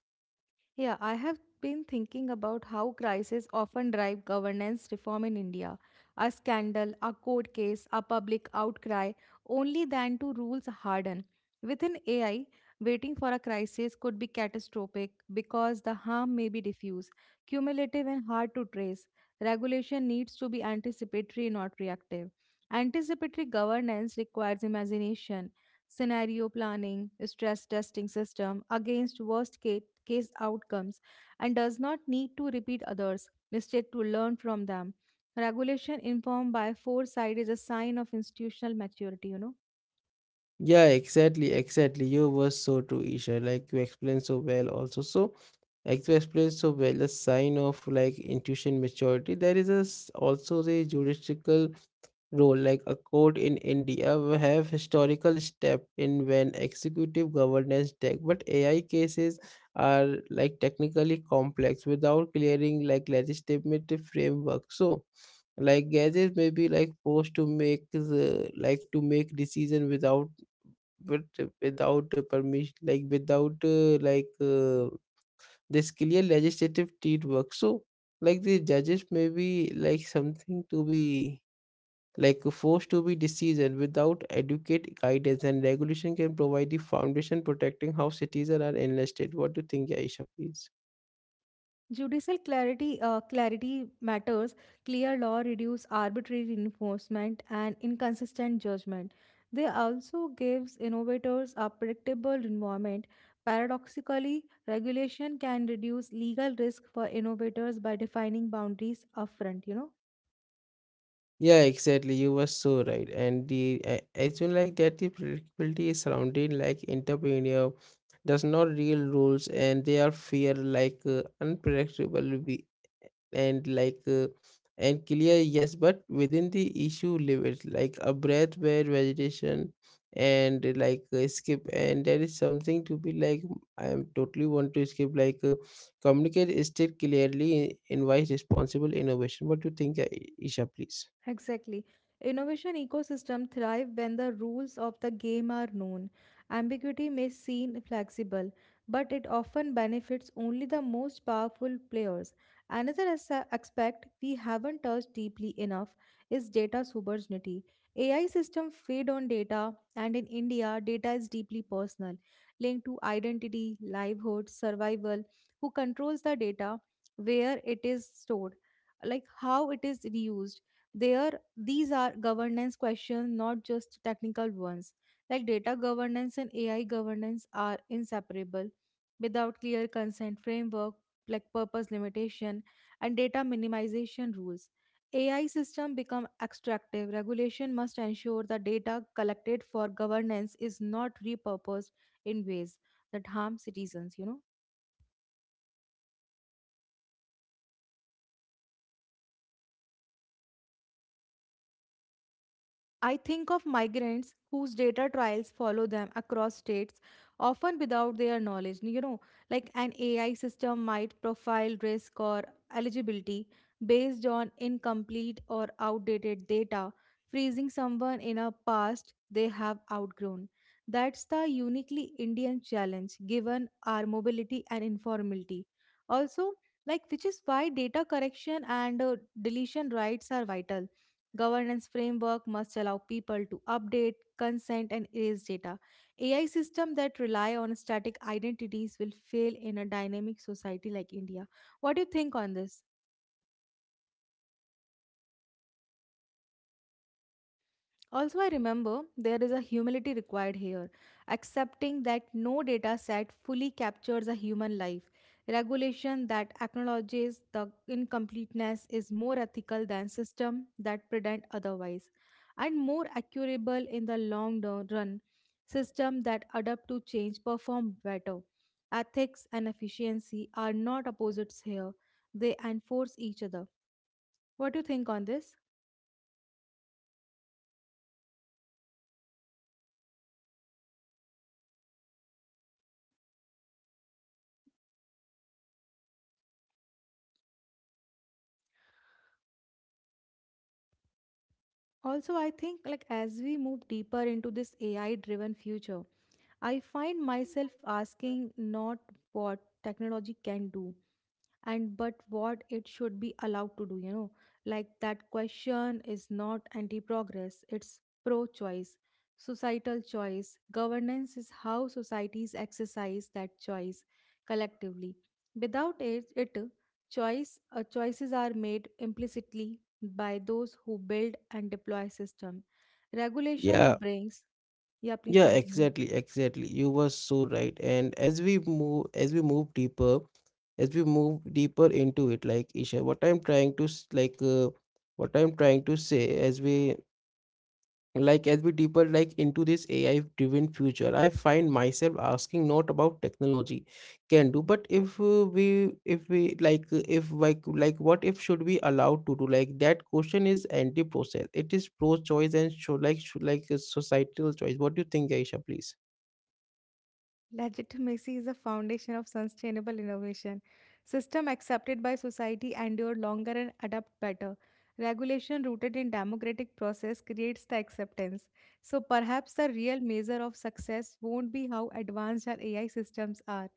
[SPEAKER 2] Yeah, I have been thinking about how crises often drive governance reform in India. A scandal, a court case, a public outcry, only then do rules harden. Within AI, waiting for a crisis could be catastrophic because the harm may be diffuse, cumulative, and hard to trace. Regulation needs to be anticipatory, not reactive. Anticipatory governance requires imagination, scenario planning, stress testing system against worst case outcomes and does not need to repeat others' mistake to learn from them. Regulation informed by foresight is a sign of institutional maturity, you know.
[SPEAKER 1] Yeah, exactly, exactly. You were so true, Isha. Like you explained so well also. So like you explained so well the sign of like intuition maturity. There is a, also the judicial role, like a court in India will have historical step in when executive governance tech, but AI cases are like technically complex without clearing like legislative framework. So like gadgets may be like forced to make the like to make decision without, but without, permission like without like this clear legislative work. So like the judges may be like something to be like forced to be decision without adequate guidance, and regulation can provide the foundation protecting how citizens are enlisted. What do you think, Aisha, please?
[SPEAKER 2] Judicial clarity clarity matters. Clear law reduce arbitrary enforcement and inconsistent judgment. They also gives innovators a predictable environment. Paradoxically, regulation can reduce legal risk for innovators by defining boundaries upfront, you know.
[SPEAKER 1] Yeah, exactly. You were so right. I feel like that the predictability is surrounded like entrepreneur does not real rules and they are fear unpredictable be- and like and clear, yes, but within the issue limits like a breath where vegetation and like skip and there is something to be like I am totally want to skip communicate state clearly invite responsible innovation. What do you think, Isha, please?
[SPEAKER 2] Exactly. Innovation ecosystem thrive when the rules of the game are known. Ambiguity may seem flexible, but it often benefits only the most powerful players. Another aspect we haven't touched deeply enough is data sovereignty. AI systems feed on data, and in India, data is deeply personal, linked to identity, livelihood, survival, who controls the data, where it is stored, like how it is reused. There, these are governance questions, not just technical ones. Like data governance and AI governance are inseparable. Without clear consent framework, like purpose limitation and data minimization rules, AI system become extractive. Regulation must ensure the data collected for governance is not repurposed in ways that harm citizens, you know. I think of migrants whose data trials follow them across states, often without their knowledge. You know, like an AI system might profile risk or eligibility based on incomplete or outdated data, freezing someone in a past they have outgrown. That's the uniquely Indian challenge given our mobility and informality. Also, like which is why data correction and deletion rights are vital. Governance framework must allow people to update, consent, and erase data. AI systems that rely on static identities will fail in a dynamic society like India. What do you think on this? Also, I remember there is a humility required here, accepting that no data set fully captures a human life. Regulation that acknowledges the incompleteness is more ethical than systems that pretend otherwise, and more accurable in the long run. Systems that adapt to change perform better. Ethics and efficiency are not opposites here, they enforce each other. What do you think on this? Also, I think like as we move deeper into this AI driven future, I find myself asking not what technology can do, and but what it should be allowed to do, you know. Like that question is not anti progress, it's pro choice, societal choice. Governance is how societies exercise that choice collectively. Without it, choice, choices are made implicitly by those who build and deploy system. Regulation
[SPEAKER 1] Yeah,
[SPEAKER 2] brings yeah please
[SPEAKER 1] Yeah,
[SPEAKER 2] continue.
[SPEAKER 1] exactly. You were so right. And as we move deeper, as we move deeper into it, like Isha, what I'm trying to say, as we like, as we deeper like into this AI-driven future, I find myself asking not about technology can do, but if we, if we like, if like, like, what if should we allowed to do? Like that question is anti-process. It is pro-choice and show like, should societal choice. What do you think, Aisha, please?
[SPEAKER 2] Legitimacy is the foundation of sustainable innovation. System accepted by society endure longer and adapt better. Regulation rooted in democratic process creates the acceptance. So perhaps the real measure of success won't be how advanced our AI systems are,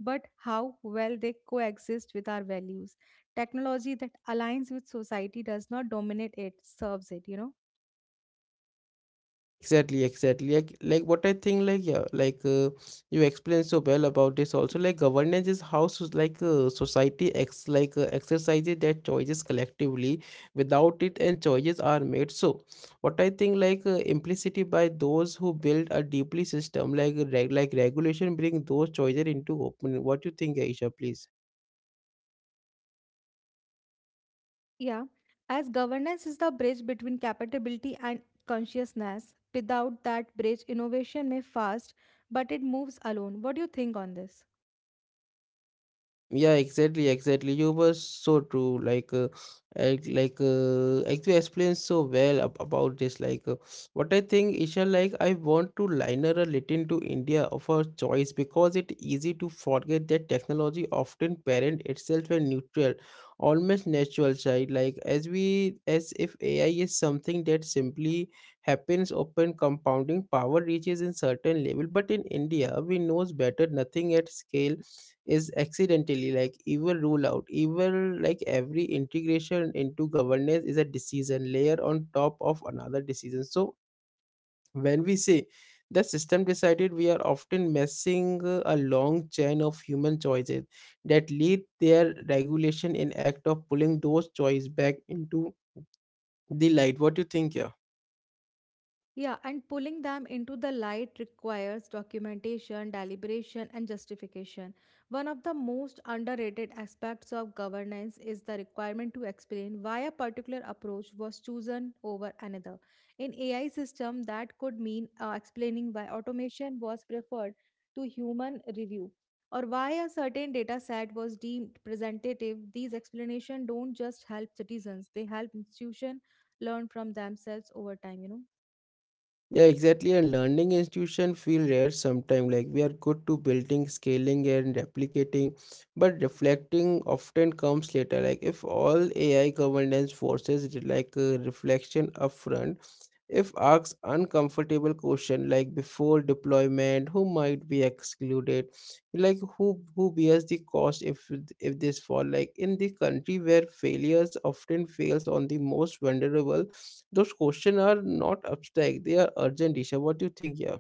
[SPEAKER 2] but how well they coexist with our values. Technology that aligns with society does not dominate it, serves it, you know.
[SPEAKER 1] Exactly. Like what I think, like yeah, you explained so well about this. Also, like governance is how so, like society ex like exercises their choices collectively. Without it, and choices are made. So, what I think, implicitly by those who build a deeply system, like regulation, bring those choices into open. What you think, Aisha? Please.
[SPEAKER 2] Yeah, as governance is the bridge between capability and consciousness. Without that bridge, innovation may fast, but it moves alone. What do you think on this?
[SPEAKER 1] Yeah, exactly. You were so true. Like you explained so well ab about this. What I think, Isha, like, I want to liner a little to India of our choice because it easy to forget that technology often parent itself a neutral, almost natural side. Like, as if AI is something that simply happens, open compounding power reaches in certain level. But in India, we knows better. Nothing at scale is accidentally like evil rule out evil, like every integration into governance is a decision layer on top of another decision. So when we say the system decided, we are often messing a long chain of human choices that lead their regulation in act of pulling those choices back into the light. What do you think here?
[SPEAKER 2] Yeah, and pulling them into the light requires documentation, deliberation, and justification. One of the most underrated aspects of governance is the requirement to explain why a particular approach was chosen over another. In AI system, that could mean explaining why automation was preferred to human review or why a certain data set was deemed representative. These explanations don't just help citizens; they help institutions learn from themselves over time, you know.
[SPEAKER 1] Yeah, exactly. And learning institution feel rare sometimes. Like we are good to building, scaling, and replicating, but reflecting often comes later. Like if all AI governance forces reflection upfront. If asked uncomfortable question like before deployment, who might be excluded, like who bears the cost if this fall, like in the country where failures often fails on the most vulnerable, those questions are not abstract; they are urgent. Disha, what do you think? Yeah.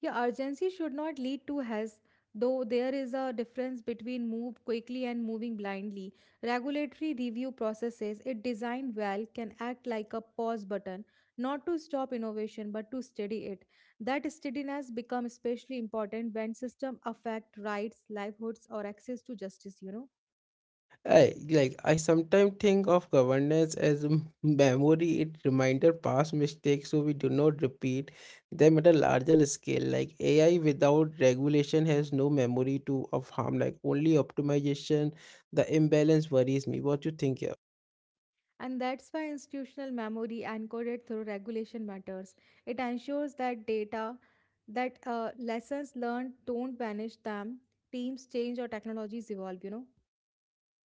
[SPEAKER 2] Yeah, urgency should not lead to haste, though there is a difference between move quickly and moving blindly. Regulatory review processes, if designed well, can act like a pause button, not to stop innovation but to steady it. That steadiness becomes especially important when systems affect rights, livelihoods, or access to justice, you know.
[SPEAKER 1] I like I sometimes think of governance as a memory, it reminder past mistakes so we do not repeat them at a larger scale. Like AI without regulation has no memory to of harm, like only optimization. The imbalance worries me. What you think here?
[SPEAKER 2] And that's why institutional memory encoded through regulation matters. It ensures that data, that lessons learned don't vanish them, teams change or technologies evolve, you know.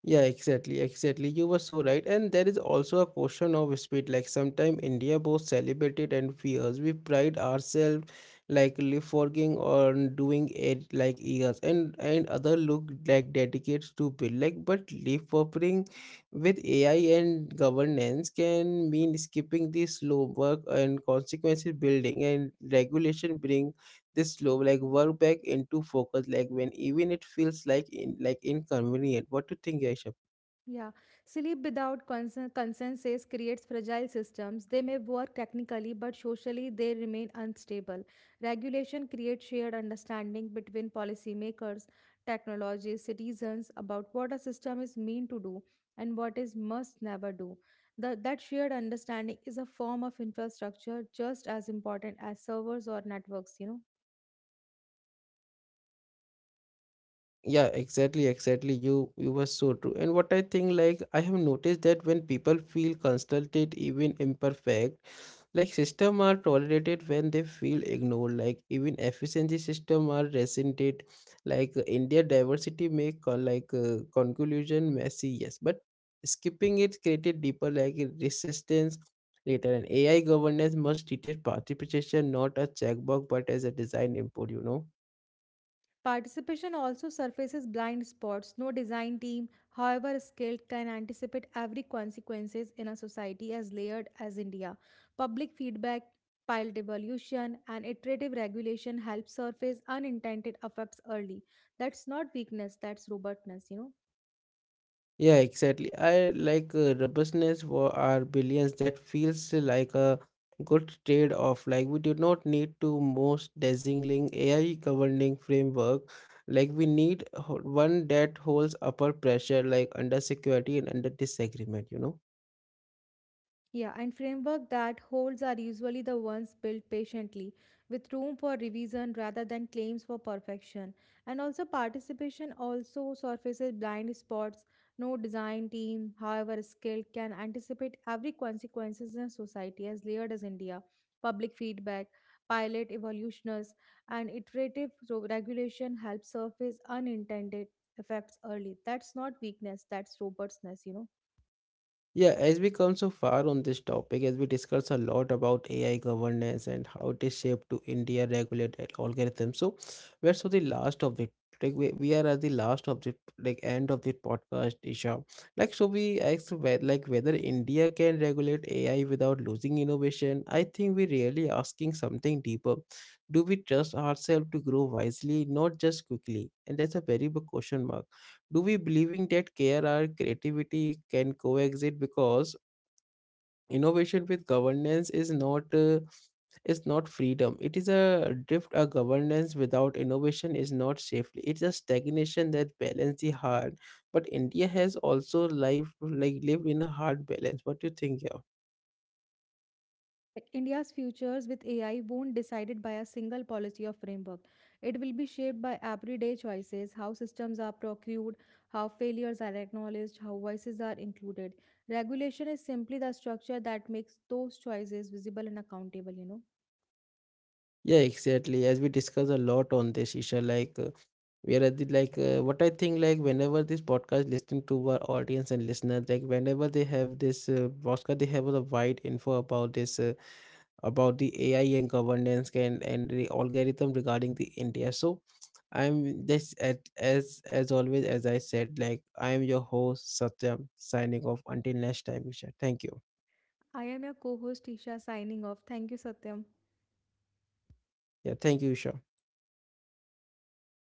[SPEAKER 1] Yeah, exactly. You were so right. And there is also a question of speed. Like sometimes India both celebrated and fears. We pride ourselves forging on doing it like years and other look like dedicated to build like, but leapfrogging with AI and governance can mean skipping the slow work and consequences building, and regulation bring this slow, like work back into focus, like when even it feels like in like inconvenient. What do you think, Aisha?
[SPEAKER 2] Yeah, sleep without consensus creates fragile systems. They may work technically, but socially they remain unstable. Regulation creates shared understanding between policymakers, technologists, citizens about what a system is meant to do and what is must never do. That shared understanding is a form of infrastructure just as important as servers or networks, you know.
[SPEAKER 1] Yeah, exactly. You were so true. And what I think, like I have noticed that when people feel consulted, even imperfect, like system are tolerated when they feel ignored. Like even efficiency system are resented. Like India diversity make conclusion messy. Yes, but skipping it created deeper resistance later. And AI governance must detect participation not a checkbox but as a design input. You know.
[SPEAKER 2] Participation also surfaces blind spots. No design team, however skilled, can anticipate every consequences in a society as layered as India. Public feedback, pilot evolution, and iterative regulation help surface unintended effects early. That's not weakness, that's robustness, you know.
[SPEAKER 1] Yeah, exactly. I like Robustness were our billions that feels like a good trade-off. Like we do not need to most dazzling AI governing framework. Like we need one that holds upper pressure, like under security and under disagreement. You know.
[SPEAKER 2] Yeah, and framework that holds are usually the ones built patiently, with room for revision rather than claims for perfection. And also participation also surfaces blind spots. No design team, however skilled, can anticipate every consequences in a society as layered as India. Public feedback, pilot evolutioners, and iterative regulation help surface unintended effects early. That's not weakness, that's robustness, you know.
[SPEAKER 1] Yeah, as we come so far on this topic, as we discuss a lot about AI governance and how it is shaped to India regulated algorithm. So we're so the last of the we are at the last of the like end of the podcast, Isha. Like so we asked like whether India can regulate AI without losing innovation. I think we're really asking something deeper. Do we trust ourselves to grow wisely, not just quickly? And that's a very big question mark, do we believing that care or creativity can coexist? Because innovation with governance is not freedom, it is a drift. A governance without innovation is not safely, it's a stagnation. That balance the hard, but India has also life like lived in a hard balance. What do you think? Yeah.
[SPEAKER 2] Like India's futures with AI won't decided by a single policy or framework. It will be shaped by everyday choices, how systems are procured, how failures are acknowledged, how voices are included. Regulation is simply the structure that makes those choices visible and accountable, you know.
[SPEAKER 1] Yeah, exactly, as we discuss a lot on this issue like where I did like what I think, like whenever this podcast listening to our audience and listeners, like whenever they have this podcast they have a wide info about this about the AI and governance and the algorithm regarding the India. So I'm this at as always, as I said, like I am your host Satyam signing off until next time. Isha, thank you.
[SPEAKER 2] I am your co-host Isha signing off. Thank you, Satyam.
[SPEAKER 1] Yeah, thank you, Isha.